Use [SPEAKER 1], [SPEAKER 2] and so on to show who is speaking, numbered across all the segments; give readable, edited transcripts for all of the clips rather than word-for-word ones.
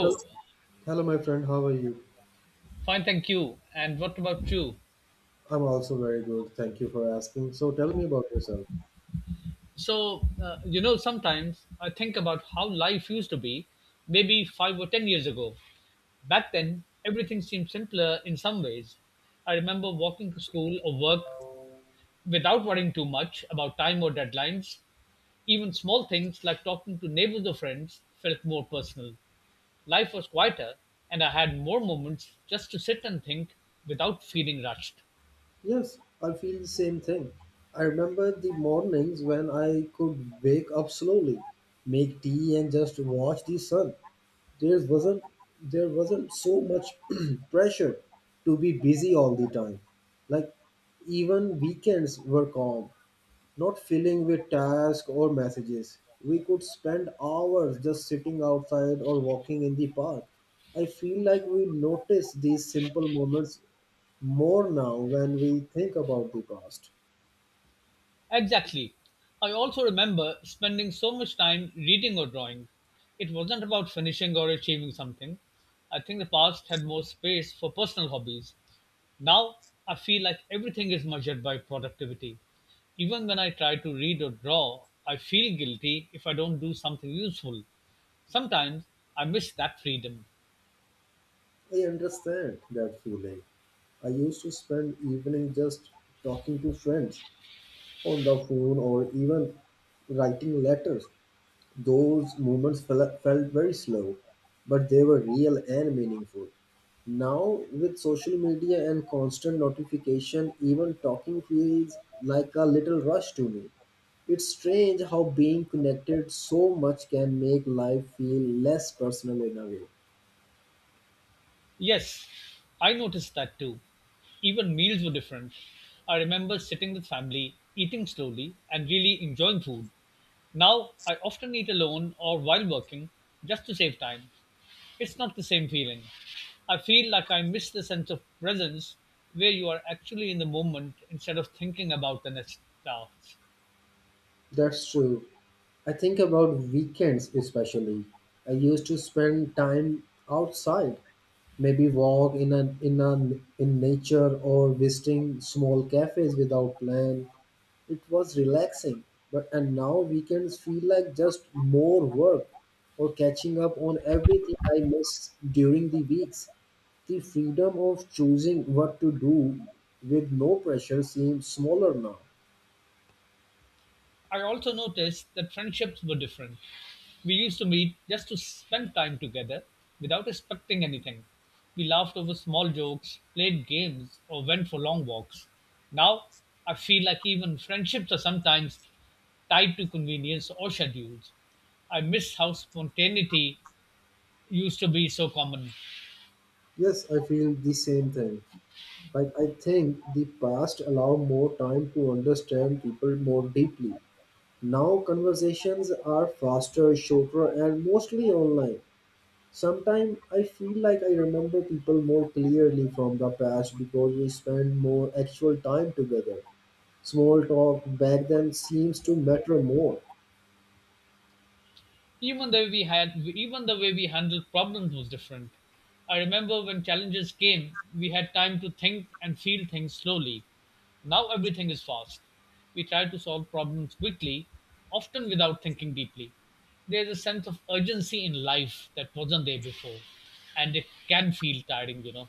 [SPEAKER 1] Hello, hello, my friend. How are you?
[SPEAKER 2] fine, thank you. And what about you?
[SPEAKER 1] I'm also very good. Thank you for asking. So tell me about yourself.
[SPEAKER 2] Sometimes I think about how life used to be maybe 5 or 10 years ago. Back then, everything seemed simpler in some ways. I remember walking to school or work without worrying too much about time or deadlines. Even small things like talking to neighbors or friends felt more personal. Life was quieter, and I had more moments just to sit and think without feeling rushed.
[SPEAKER 1] Yes, I feel the same thing. I remember the mornings when I could wake up slowly, make tea, and just watch the sun. There wasn't there wasn't so much pressure to be busy all the time. Like even weekends were calm, not filling with tasks or messages. We could spend hours just sitting outside or walking in the park. I feel like we notice these simple moments more now when we think about the past.
[SPEAKER 2] Exactly. I also remember spending so much time reading or drawing. It wasn't about finishing or achieving something. I think the past had more space for personal hobbies. Now, I feel like everything is measured by productivity. Even when I try to read or draw, I feel guilty if I don't do something useful. Sometimes I miss that freedom.
[SPEAKER 1] I understand that feeling. I used to spend evening just talking to friends on the phone or even writing letters. Those moments felt very slow, but they were real and meaningful. Now, with social media and constant notification, even talking feels like a little rush to me. It's strange how being connected so much can make life feel less personal in a way.
[SPEAKER 2] Yes, I noticed that too. Even meals were different. I remember sitting with family, eating slowly, and really enjoying food. Now, I often eat alone or while working just to save time. It's not the same feeling. I feel like I miss the sense of presence where you are actually in the moment instead of thinking about the next task.
[SPEAKER 1] That's true. I think about weekends especially. I used to spend time outside, maybe walk in nature or visiting small cafes without plan. It was relaxing, but and now weekends feel like just more work or catching up on everything I missed during the weeks. The freedom of choosing what to do with no pressure seems smaller now.
[SPEAKER 2] I also noticed that friendships were different. We used to meet just to spend time together without expecting anything. We laughed over small jokes, played games, or went for long walks. Now, I feel like even friendships are sometimes tied to convenience or schedules. I miss how spontaneity used to be so common.
[SPEAKER 1] Yes, I feel the same thing. Like I think the past allowed more time to understand people more deeply. Now conversations are faster, shorter, and mostly online. Sometimes I feel like I remember people more clearly from the past because we spend more actual time together. Small talk back then seems to matter more.
[SPEAKER 2] Even the way we handled problems was different. I remember when challenges came, we had time to think and feel things slowly. Now everything is fast. We try to solve problems quickly, often without thinking deeply. There's a sense of urgency in life that wasn't there before, and it can feel tiring.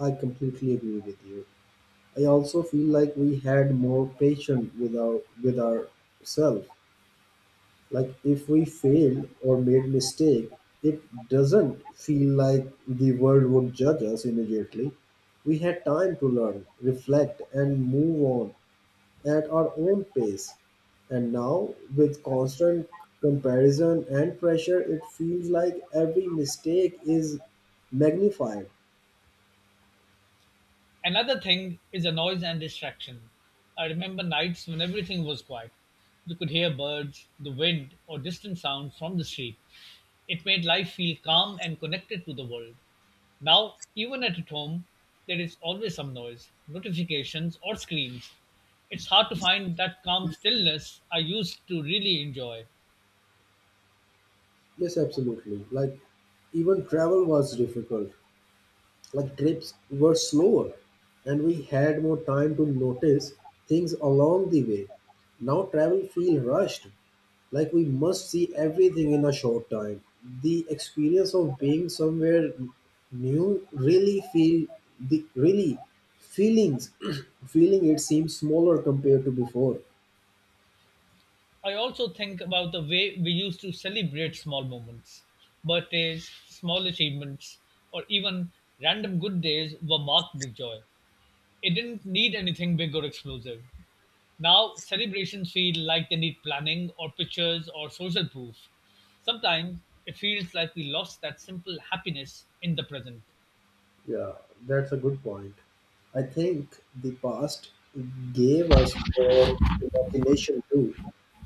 [SPEAKER 1] I completely agree with you. I also feel like we had more patience with ourselves. Like if we failed or made mistake, it doesn't feel like the world would judge us immediately. We had time to learn, reflect, and move on at our own pace. And now, with constant comparison and pressure, it feels like every mistake is magnified.
[SPEAKER 2] Another thing is the noise and distraction. I remember nights when everything was quiet. You could hear birds, the wind, or distant sounds from the street. It made life feel calm and connected to the world. Now, even at home, there is always some noise, notifications, or screens. It's hard to find that calm stillness I used to really enjoy.
[SPEAKER 1] Yes, absolutely. Like even travel was difficult, like trips were slower, and we had more time to notice things along the way. Now travel feel rushed, like we must see everything in a short time. The experience of being somewhere new really feel the really feelings feeling, it seems smaller compared to before.
[SPEAKER 2] I also think about the way we used to celebrate small moments. Birthdays, small achievements, or even random good days were marked with joy. It didn't need anything big or explosive. Now, celebrations feel like they need planning or pictures or social proof. Sometimes it feels like we lost that simple happiness in the present.
[SPEAKER 1] Yeah, that's a good point. I think the past gave us more imagination too.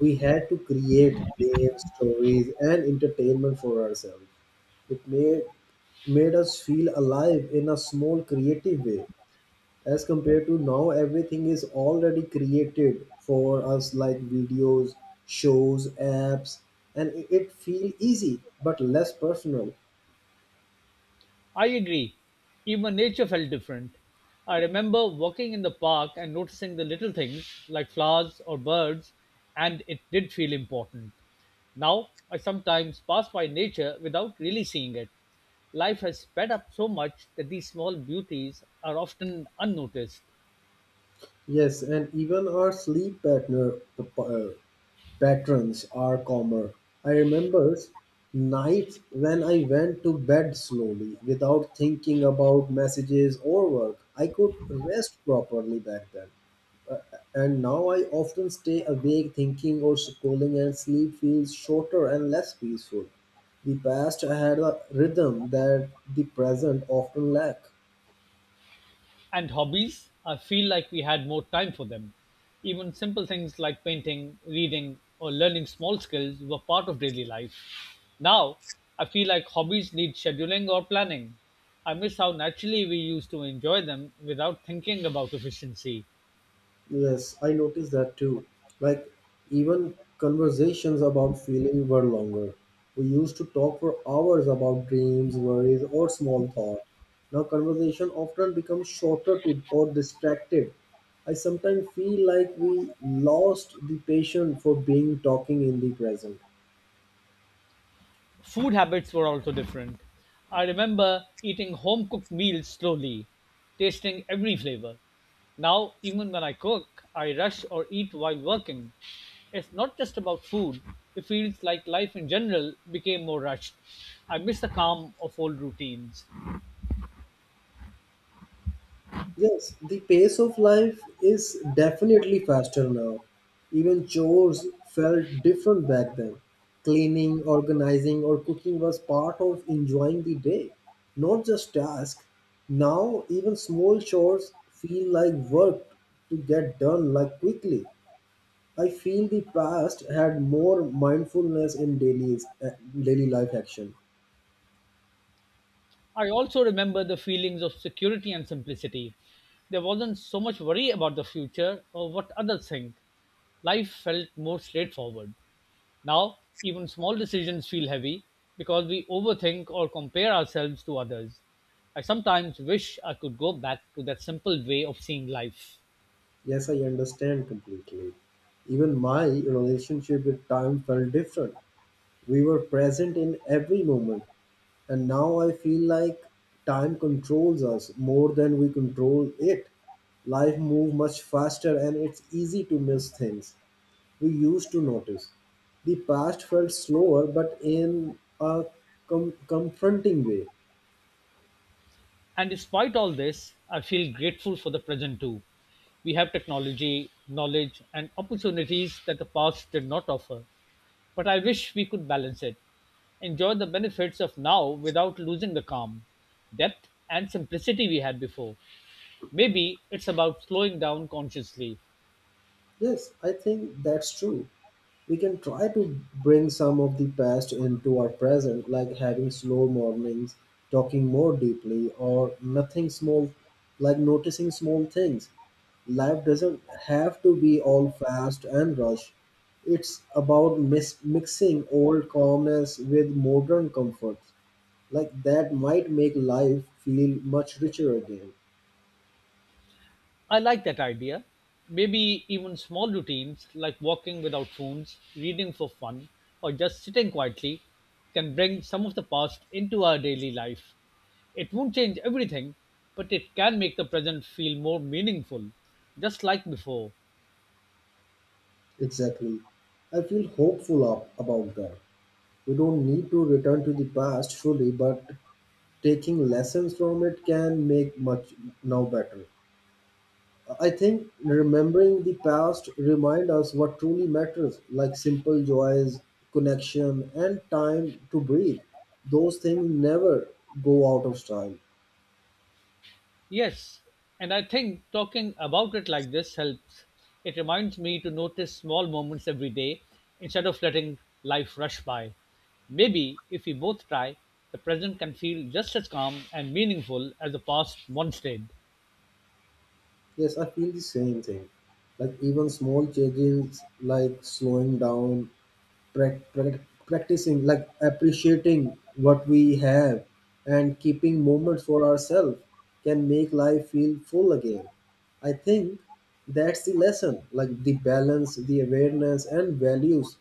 [SPEAKER 1] We had to create games, stories, and entertainment for ourselves. It made us feel alive in a small creative way, as compared to now everything is already created for us, like videos, shows, apps, and it feel easy but less personal.
[SPEAKER 2] I agree. Even nature felt different. I remember walking in the park and noticing the little things like flowers or birds, and it did feel important. Now, I sometimes pass by nature without really seeing it. Life has sped up so much that these small beauties are often unnoticed.
[SPEAKER 1] Yes, and even our sleep partner, uh, patterns are calmer. I remember nights when I went to bed slowly without thinking about messages or work. I could rest properly back then. Uh, and now I often stay awake thinking or scrolling, and sleep feels shorter and less peaceful. The past had a rhythm that the present often lack.
[SPEAKER 2] And hobbies, I feel like we had more time for them. Even simple things like painting, reading, or learning small skills were part of daily life. Now, I feel like hobbies need scheduling or planning. I miss how naturally we used to enjoy them without thinking about efficiency.
[SPEAKER 1] Yes, I noticed that too. Like, even conversations about feeling were longer. We used to talk for hours about dreams, worries, or small thoughts. Now, conversation often becomes shorter to or distracted. I sometimes feel like we lost the passion for being talking in the present.
[SPEAKER 2] Food habits were also different. I remember eating home cooked meals slowly, tasting every flavor. Now, even when I cook, I rush or eat while working. It's not just about food, it feels like life in general became more rushed. I miss the calm of old routines.
[SPEAKER 1] Yes, the pace of life is definitely faster now. Even chores felt different back then. Cleaning, organizing, or cooking was part of enjoying the day, not just task. Now, even small chores feel like work to get done like quickly. I feel the past had more mindfulness in daily life action.
[SPEAKER 2] I also remember the feelings of security and simplicity. There wasn't so much worry about the future or what others think. Life felt more straightforward. Now, even small decisions feel heavy because we overthink or compare ourselves to others. I sometimes wish I could go back to that simple way of seeing life.
[SPEAKER 1] Yes, I understand completely. Even my relationship with time felt different. We were present in every moment, and now I feel like time controls us more than we control it. Life moves much faster, and it's easy to miss things we used to notice. The past felt slower, but in a confronting way.
[SPEAKER 2] And despite all this, I feel grateful for the present too. We have technology, knowledge, and opportunities that the past did not offer. But I wish we could balance it. Enjoy the benefits of now without losing the calm, depth, and simplicity we had before. Maybe it's about slowing down consciously,
[SPEAKER 1] Yes, I think that's true. We can try to bring some of the past into our present, like having slow mornings, talking more deeply, or nothing small, like noticing small things. Life doesn't have to be all fast and rush. It's about mixing old calmness with modern comfort. Like that might make life feel much richer again.
[SPEAKER 2] I like that idea. Maybe even small routines like walking without phones, reading for fun, or just sitting quietly can bring some of the past into our daily life. It won't change everything, but it can make the present feel more meaningful, just like before.
[SPEAKER 1] Exactly. I feel hopeful about that. We don't need to return to the past fully, but taking lessons from it can make much now better. I think remembering the past remind us what truly matters, like simple joys, connection, and time to breathe. Those things never go out of style.
[SPEAKER 2] Yes, and I think talking about it like this helps. It reminds me to notice small moments every day instead of letting life rush by. Maybe if we both try, the present can feel just as calm and meaningful as the past once did.
[SPEAKER 1] Yes, I feel the same thing. Like even small changes like slowing down, prac- prac- practicing like appreciating what we have and keeping moments for ourselves can make life feel full again. I think that's the lesson, like the balance, the awareness, and values,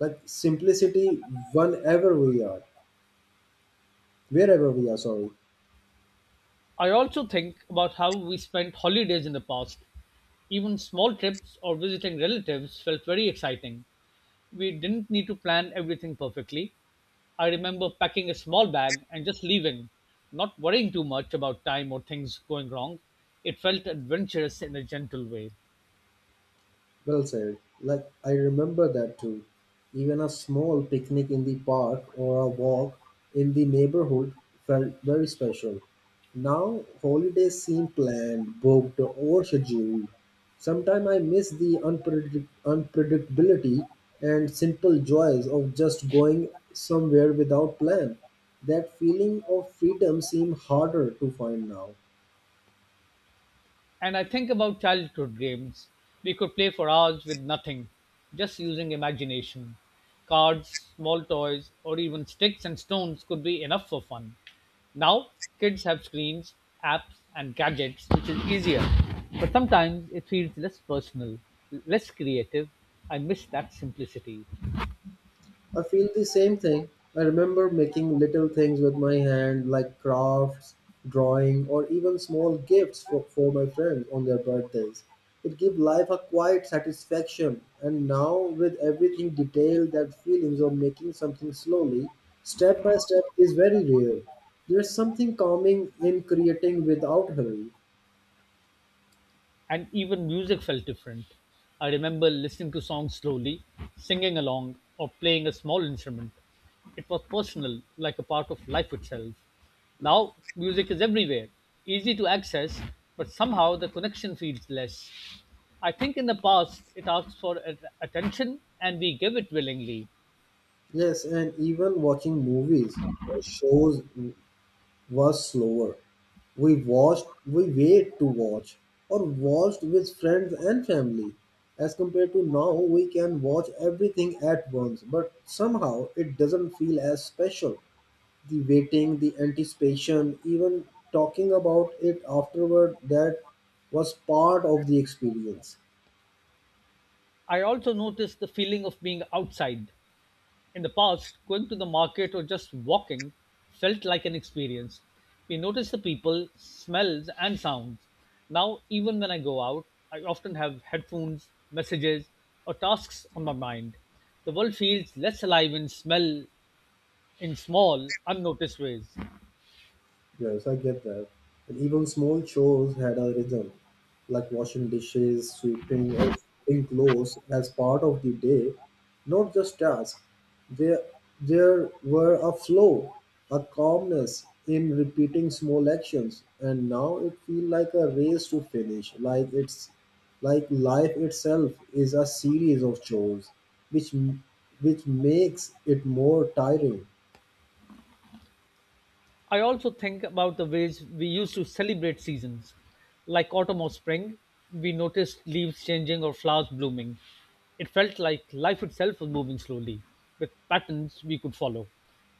[SPEAKER 1] like simplicity, whenever we are, wherever we are, sorry.
[SPEAKER 2] I also think about how we spent holidays in the past. Even small trips or visiting relatives felt very exciting. We didn't need to plan everything perfectly. I remember packing a small bag and just leaving, not worrying too much about time or things going wrong. It felt adventurous in a gentle way.
[SPEAKER 1] Well said. Like I remember that too. Even a small picnic in the park or a walk in the neighborhood felt very special. Now holidays seem planned, booked, or scheduled. Sometimes I miss the unpredictability and simple joys of just going somewhere without plan. That feeling of freedom seems harder to find now.
[SPEAKER 2] And I think about childhood games. We could play for hours with nothing, just using imagination. Cards, small toys, or even sticks and stones could be enough for fun. Now, kids have screens, apps, and gadgets, which is easier. But sometimes it feels less personal, less creative. I miss that simplicity.
[SPEAKER 1] I feel the same thing. I remember making little things with my hand, like crafts, drawing, or even small gifts for my friends on their birthdays. It gave life a quiet satisfaction, and now with everything detailed, that feelings of making something slowly, step by step, is very real. There's something calming in creating without hurry.
[SPEAKER 2] And even music felt different. I remember listening to songs slowly, singing along, or playing a small instrument. It was personal, like a part of life itself. Now, music is everywhere, easy to access, but somehow the connection feels less. I think in the past it asked for attention and we give it willingly.
[SPEAKER 1] Yes, and even watching movies or shows was slower. We watched, we wait to watch, or watched with friends and family. As compared to now, we can watch everything at once, but somehow it doesn't feel as special. The waiting, the anticipation, even talking about it afterward, that was part of the experience.
[SPEAKER 2] I also noticed the feeling of being outside. In the past, going to the market or just walking felt like an experience. We noticed the people, smells, and sounds. Now, even when I go out, I often have headphones, messages, or tasks on my mind. The world feels less alive in small, unnoticed ways.
[SPEAKER 1] Yes, I get that. And even small chores had a rhythm, like washing dishes, sweeping, or folding clothes as part of the day, not just tasks. There, there were a flow, a calmness in repeating small actions, and now it feels like a race to finish, like it's like life itself is a series of chores, which m- which makes it more tiring.
[SPEAKER 2] I also think about the ways we used to celebrate seasons. Like autumn or spring, we noticed leaves changing or flowers blooming. It felt like life itself was moving slowly, with patterns we could follow.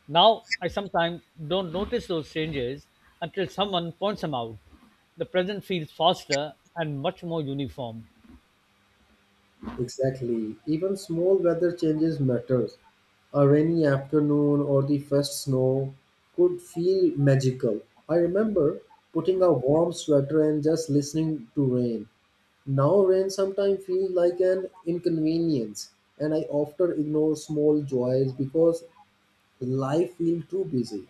[SPEAKER 2] Now, I sometimes don't notice those changes until someone points them out. The present feels faster and much more uniform.
[SPEAKER 1] Exactly. Even small weather changes matters. A rainy afternoon or the first snow could feel magical. I remember putting a warm sweater and just listening to rain. Now rain sometimes feels like an inconvenience, and I often ignore small joys because life feels too busy.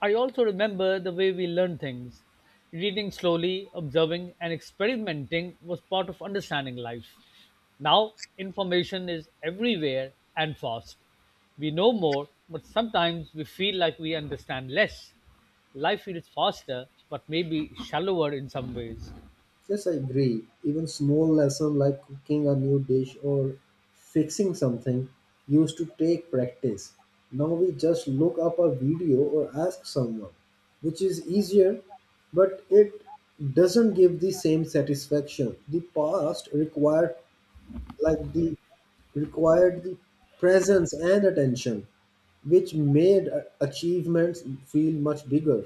[SPEAKER 2] I also remember the way we learned things. Reading slowly, observing, and experimenting was part of understanding life. Now, information is everywhere and fast. We know more, but sometimes we feel like we understand less. Life feels faster, but maybe shallower in some ways.
[SPEAKER 1] Yes, I agree. Even small lessons like cooking a new dish or fixing something used to take practice. Now we just look up a video or ask someone, which is easier, but it doesn't give the same satisfaction. The past like the required the presence and attention, which made achievements feel much bigger.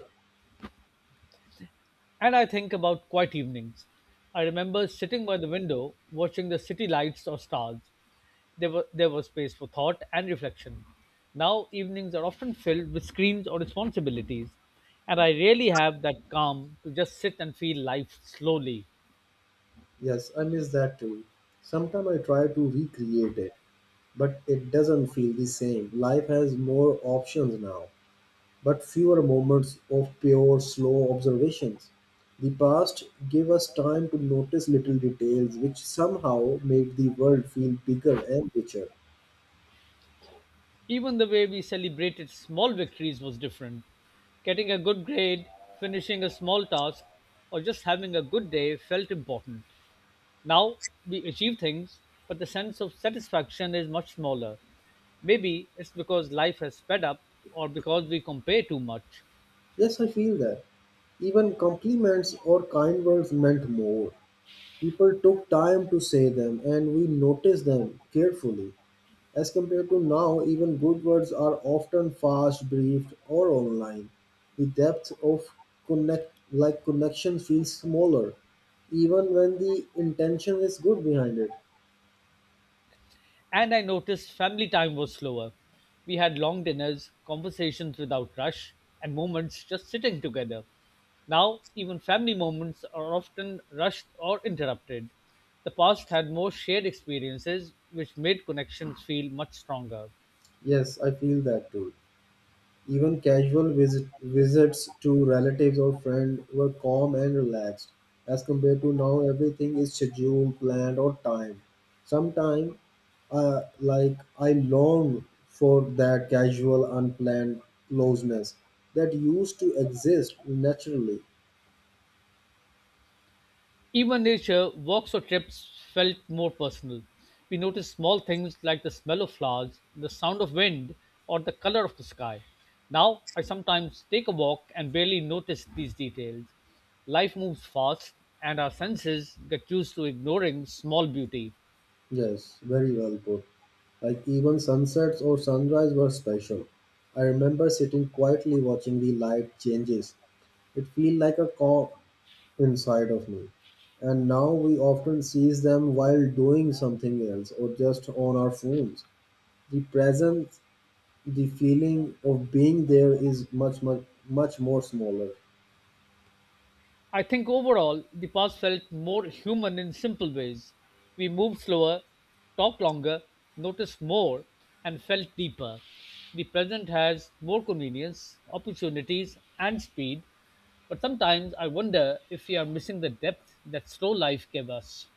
[SPEAKER 2] And I think about quiet evenings. I remember sitting by the window watching the city lights or stars. There was space for thought and reflection. Now, evenings are often filled with screens or responsibilities, and I rarely have that calm to just sit and feel life slowly.
[SPEAKER 1] Yes, I miss that too. Sometimes I try to recreate it, but it doesn't feel the same. Life has more options now, but fewer moments of pure, slow observations. The past gave us time to notice little details which somehow made the world feel bigger and richer.
[SPEAKER 2] Even the way we celebrated small victories was different. Getting a good grade, finishing a small task, or just having a good day felt important. Now we achieve things, but the sense of satisfaction is much smaller. Maybe it's because life has sped up or because we compare too much.
[SPEAKER 1] Yes, I feel that. Even compliments or kind words meant more. People took time to say them and we noticed them carefully. As compared to now, even good words are often fast, brief, or online. The depth of connection feels smaller, even when the intention is good behind it.
[SPEAKER 2] And I noticed family time was slower. We had long dinners, conversations without rush, and moments just sitting together. Now, even family moments are often rushed or interrupted. The past had more shared experiences, which made connections feel much stronger.
[SPEAKER 1] Yes, I feel that too. Even casual visits to relatives or friends were calm and relaxed, as compared to now everything is scheduled, planned, or timed. Sometimes, like I long for that casual, unplanned closeness that used to exist naturally.
[SPEAKER 2] Even nature, walks or trips felt more personal. We noticed small things like the smell of flowers, the sound of wind, or the color of the sky. Now, I sometimes take a walk and barely notice these details. Life moves fast, and our senses get used to ignoring small beauty.
[SPEAKER 1] Yes, very well put. Like even sunsets or sunrise were special. I remember sitting quietly watching the light changes. It felt like a calm, inside of me. And now we often seize them while doing something else or just on our phones. The presence, the feeling of being there is much, much, much more smaller.
[SPEAKER 2] I think overall, the past felt more human in simple ways. We moved slower, talked longer, noticed more, and felt deeper. The present has more convenience, opportunities, and speed, but sometimes I wonder if we are missing the depth that slow life gave us.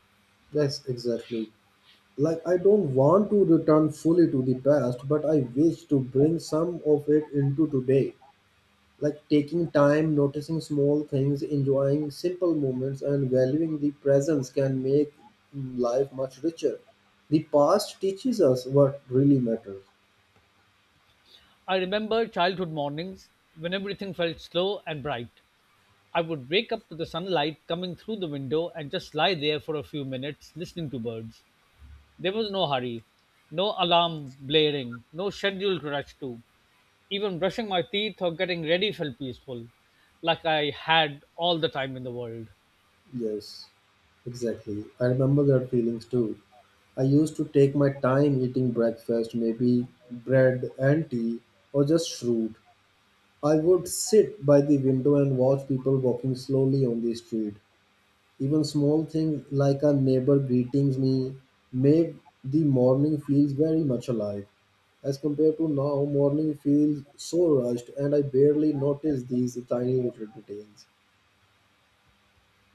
[SPEAKER 1] Yes, exactly. Like, I don't want to return fully to the past, but I wish to bring some of it into today. Like taking time, noticing small things, enjoying simple moments, and valuing the presence can make life much richer. The past teaches us what really matters.
[SPEAKER 2] I remember childhood mornings when everything felt slow and bright. I would wake up to the sunlight coming through the window and just lie there for a few minutes listening to birds. There was no hurry, no alarm blaring, no scheduled rush to. Even brushing my teeth or getting ready felt peaceful, like I had all the time in the world.
[SPEAKER 1] Yes, exactly. I remember that feelings too. I used to take my time eating breakfast, maybe bread and tea, or just fruit. I would sit by the window and watch people walking slowly on the street. Even small things like a neighbor greeting me made the morning feels very much alive. As compared to now, morning feels so rushed and I barely notice these tiny little details.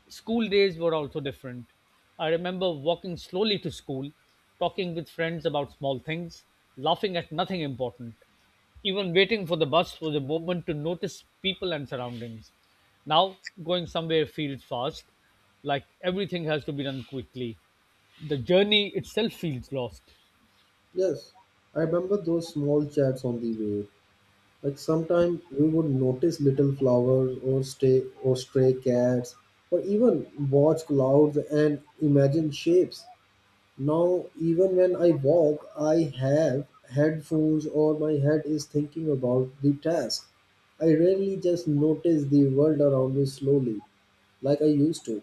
[SPEAKER 2] School days were also different. I remember walking slowly to school, talking with friends about small things, laughing at nothing important. Even waiting for the bus was a moment to notice people and surroundings. Now, going somewhere feels fast, like everything has to be done quickly. The journey itself feels lost.
[SPEAKER 1] Yes, I remember those small chats on the way. Like sometimes we would notice little flowers or stray cats or even watch clouds and imagine shapes. Now, even when I walk, I have headphones or my head is thinking about the task. I rarely just notice the world around me slowly, like I used to.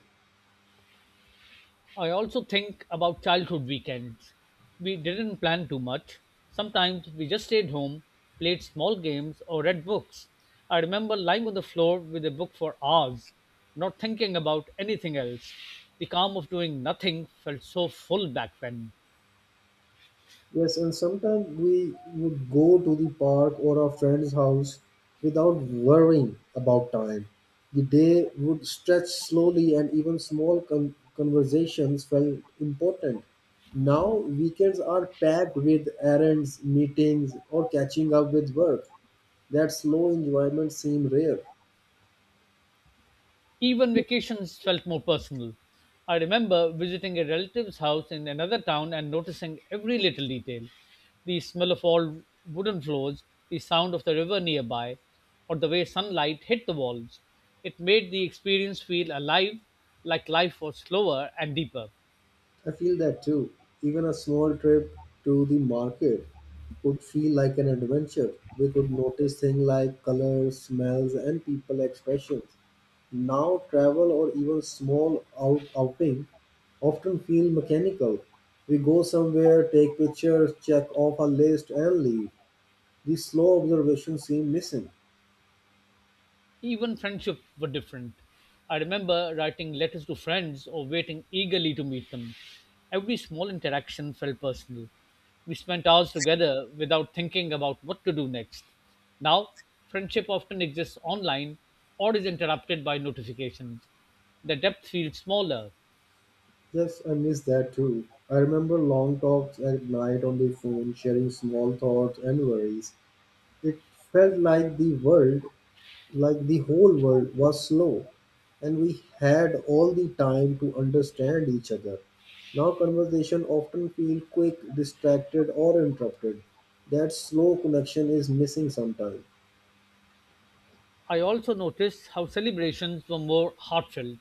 [SPEAKER 2] I also think about childhood weekends. We didn't plan too much. Sometimes we just stayed home, played small games, or read books. I remember lying on the floor with a book for hours, not thinking about anything else. The calm of doing nothing felt so full back then.
[SPEAKER 1] Yes, and sometimes we would go to the park or our friend's house without worrying about time. The day would stretch slowly, and even small conversations felt important. Now, weekends are packed with errands, meetings, or catching up with work. That slow enjoyment seems rare.
[SPEAKER 2] Even vacations felt more personal. I remember visiting a relative's house in another town and noticing every little detail the smell of old wooden floors, the sound of the river nearby, or the way sunlight hit the walls. It made the experience feel alive, like life was slower and deeper.
[SPEAKER 1] I feel that too. Even a small trip to the market would feel like an adventure. We could notice things like colors, smells, and people expressions. Now, travel or even small outing often feel mechanical. We go somewhere, take pictures, check off a list, and leave. The slow observation seems missing.
[SPEAKER 2] Even friendships were different. I remember writing letters to friends or waiting eagerly to meet them. Every small interaction felt personal. We spent hours together without thinking about what to do next. Now, friendship often exists online or is interrupted by notifications. The depth feels smaller.
[SPEAKER 1] Yes, I miss that too. I remember long talks at night on the phone, sharing small thoughts and worries. It felt like the world, like the whole world, was slow, and we had all the time to understand each other. Now, conversation often feel quick, distracted, or interrupted. That slow connection is missing sometimes.
[SPEAKER 2] I also noticed how celebrations were more heartfelt.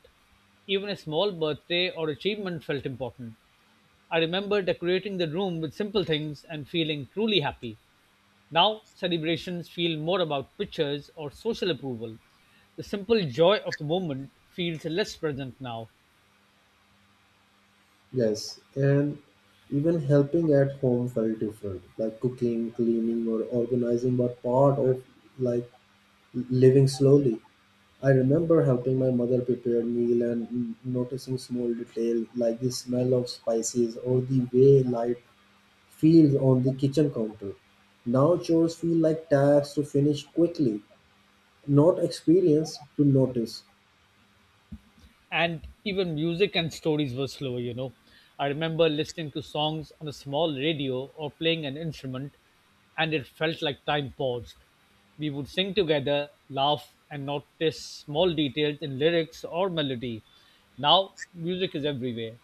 [SPEAKER 2] Even a small birthday or achievement felt important. I remember decorating the room with simple things and feeling truly happy. Now, celebrations feel more about pictures or social approval. The simple joy of the moment feels less present now.
[SPEAKER 1] Yes, and even helping at home felt different, like cooking, cleaning, or organizing were part of, like, living slowly. I remember helping my mother prepare meal and noticing small detail like the smell of spices or the way light feels on the kitchen counter. Now chores feel like tasks to finish quickly, not experience to notice.
[SPEAKER 2] And even music and stories were slower, I remember listening to songs on a small radio or playing an instrument, and it felt like time paused. We would sing together, laugh, and notice small details in lyrics or melody. Now music is everywhere,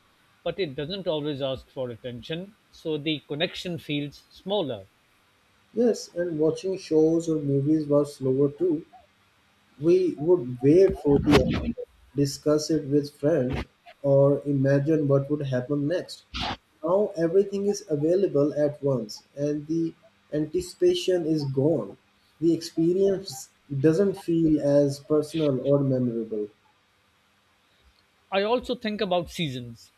[SPEAKER 2] but it doesn't always ask for attention, so the connection feels smaller.
[SPEAKER 1] Yes, and watching shows or movies was slower too. We would wait for the episode, discuss it with friends, or imagine what would happen next. Now everything is available at once, and the anticipation is gone. The experience doesn't feel as personal or memorable.
[SPEAKER 2] I also think about seasons.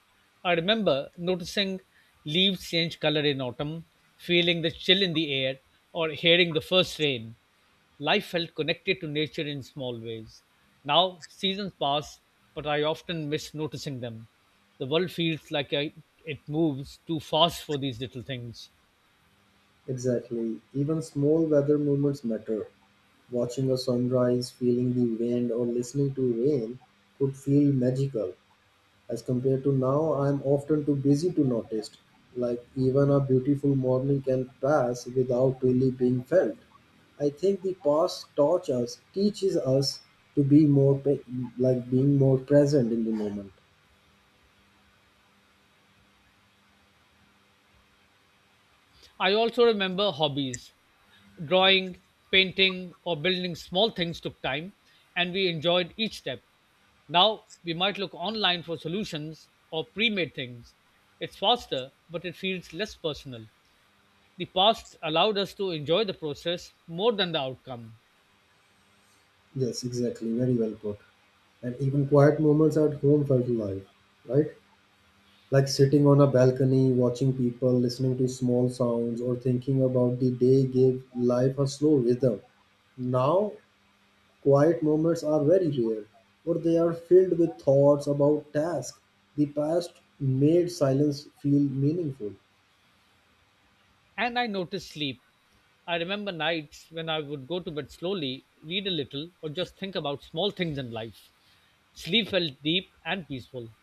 [SPEAKER 2] I remember noticing leaves change color in autumn, feeling the chill in the air, or hearing the first rain. Life felt connected to nature in small ways. Now, seasons pass, but I often miss noticing them. The world feels like it moves too fast for these little things.
[SPEAKER 1] Exactly. Even small weather movements matter. Watching a sunrise, feeling the wind, or listening to rain could feel magical. As compared to now, I'm often too busy to notice. Like, even a beautiful morning can pass without really being felt. I think the past taught us, teaches us to be more, like being more present in the moment.
[SPEAKER 2] I also remember hobbies. Drawing, painting, or building small things took time, and we enjoyed each step. Now we might look online for solutions or pre made things. It's faster, but it feels less personal. The past allowed us to enjoy the process more than the outcome.
[SPEAKER 1] Yes, exactly. Very well put. And even quiet moments at home felt alive, right? Like sitting on a balcony, watching people, listening to small sounds, or thinking about the day gave life a slow rhythm. Now quiet moments are very rare, or they are filled with thoughts about tasks. The past made silence feel meaningful.
[SPEAKER 2] And I noticed sleep. I remember nights when I would go to bed slowly, read a little, or just think about small things in life. Sleep felt deep and peaceful.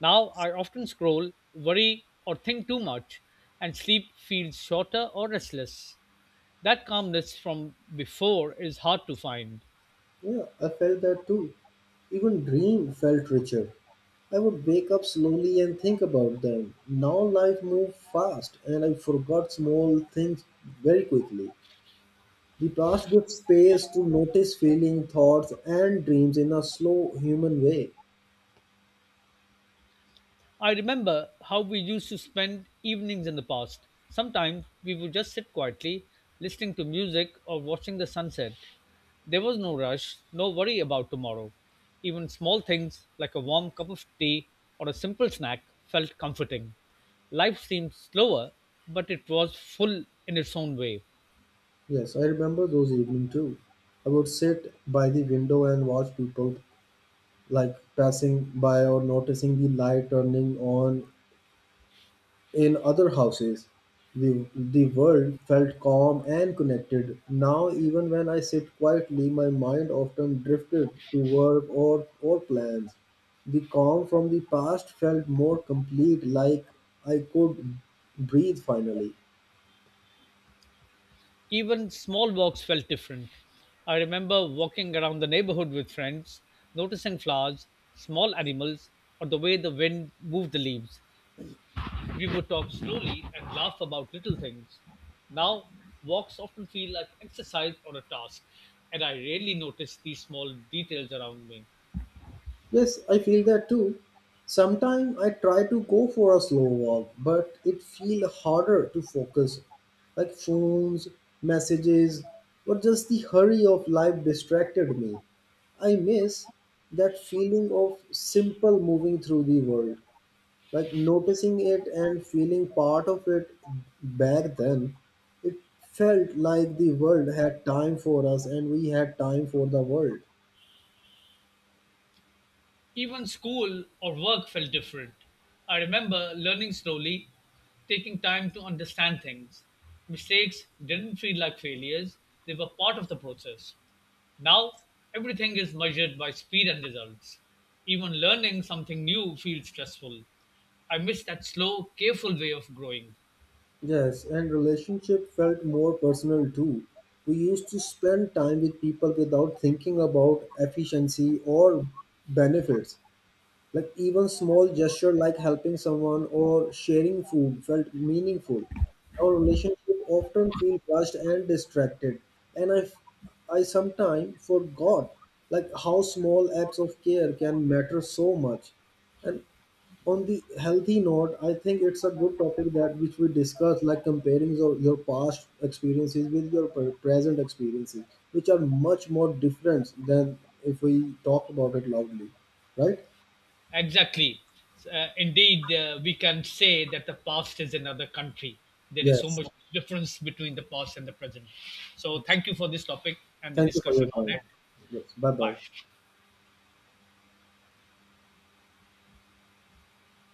[SPEAKER 2] Now I often scroll, worry, or think too much, and sleep feels shorter or restless. That calmness from before is hard to find.
[SPEAKER 1] Yeah, I felt that too. Even dream felt richer. I would wake up slowly and think about them. Now life moved fast and I forgot small things very quickly. The past gives space to notice feeling, thoughts and dreams in a slow human way.
[SPEAKER 2] I remember how we used to spend evenings in the past. Sometimes we would just sit quietly, listening to music or watching the sunset. There was no rush, no worry about tomorrow. Even small things like a warm cup of tea or a simple snack felt comforting. Life seemed slower, but it was full in its own way.
[SPEAKER 1] Yes, I remember those evenings too. I would sit by the window and watch people like passing by or noticing the light turning on in other houses. The world felt calm and connected. Now, even when I sit quietly, my mind often drifted to work or plans. The calm from the past felt more complete, like I could breathe finally.
[SPEAKER 2] Even small walks felt different. I remember walking around the neighborhood with friends, noticing flowers, small animals, or the way the wind moved the leaves. We would talk slowly and laugh about little things. Now, walks often feel like exercise or a task, and I rarely notice these small details around me.
[SPEAKER 1] Yes, I feel that too. Sometimes I try to go for a slow walk, but it feels harder to focus. Like phones, messages, or just the hurry of life distracted me. I miss that feeling of simple moving through the world, like noticing it and feeling part of it back then. It felt like the world had time for us and we had time for the world.
[SPEAKER 2] Even school or work felt different. I remember learning slowly, taking time to understand things. Mistakes didn't feel like failures, they were part of the process. Now, everything is measured by speed and results. Even learning something new feels stressful. I miss that slow, careful way of growing.
[SPEAKER 1] Yes, and relationship felt more personal too. We used to spend time with people without thinking about efficiency or benefits. Like even small gesture like helping someone or sharing food felt meaningful. Our relationship often feel rushed and distracted, and I sometimes forgot like how small acts of care can matter so much. And on the healthy note, I think it's a good topic that which we discussed, like comparing your past experiences with your present experiences, which are much more different than if we talk about it loudly, right?
[SPEAKER 2] Exactly. Indeed, we can say that the past is another country. There is so
[SPEAKER 1] Yes,
[SPEAKER 2] much difference between the past and the present. So, thank you for this topic and the
[SPEAKER 1] thank you for your
[SPEAKER 2] discussion
[SPEAKER 1] time.
[SPEAKER 2] on it.
[SPEAKER 1] Yes, bye bye.
[SPEAKER 2] Bye.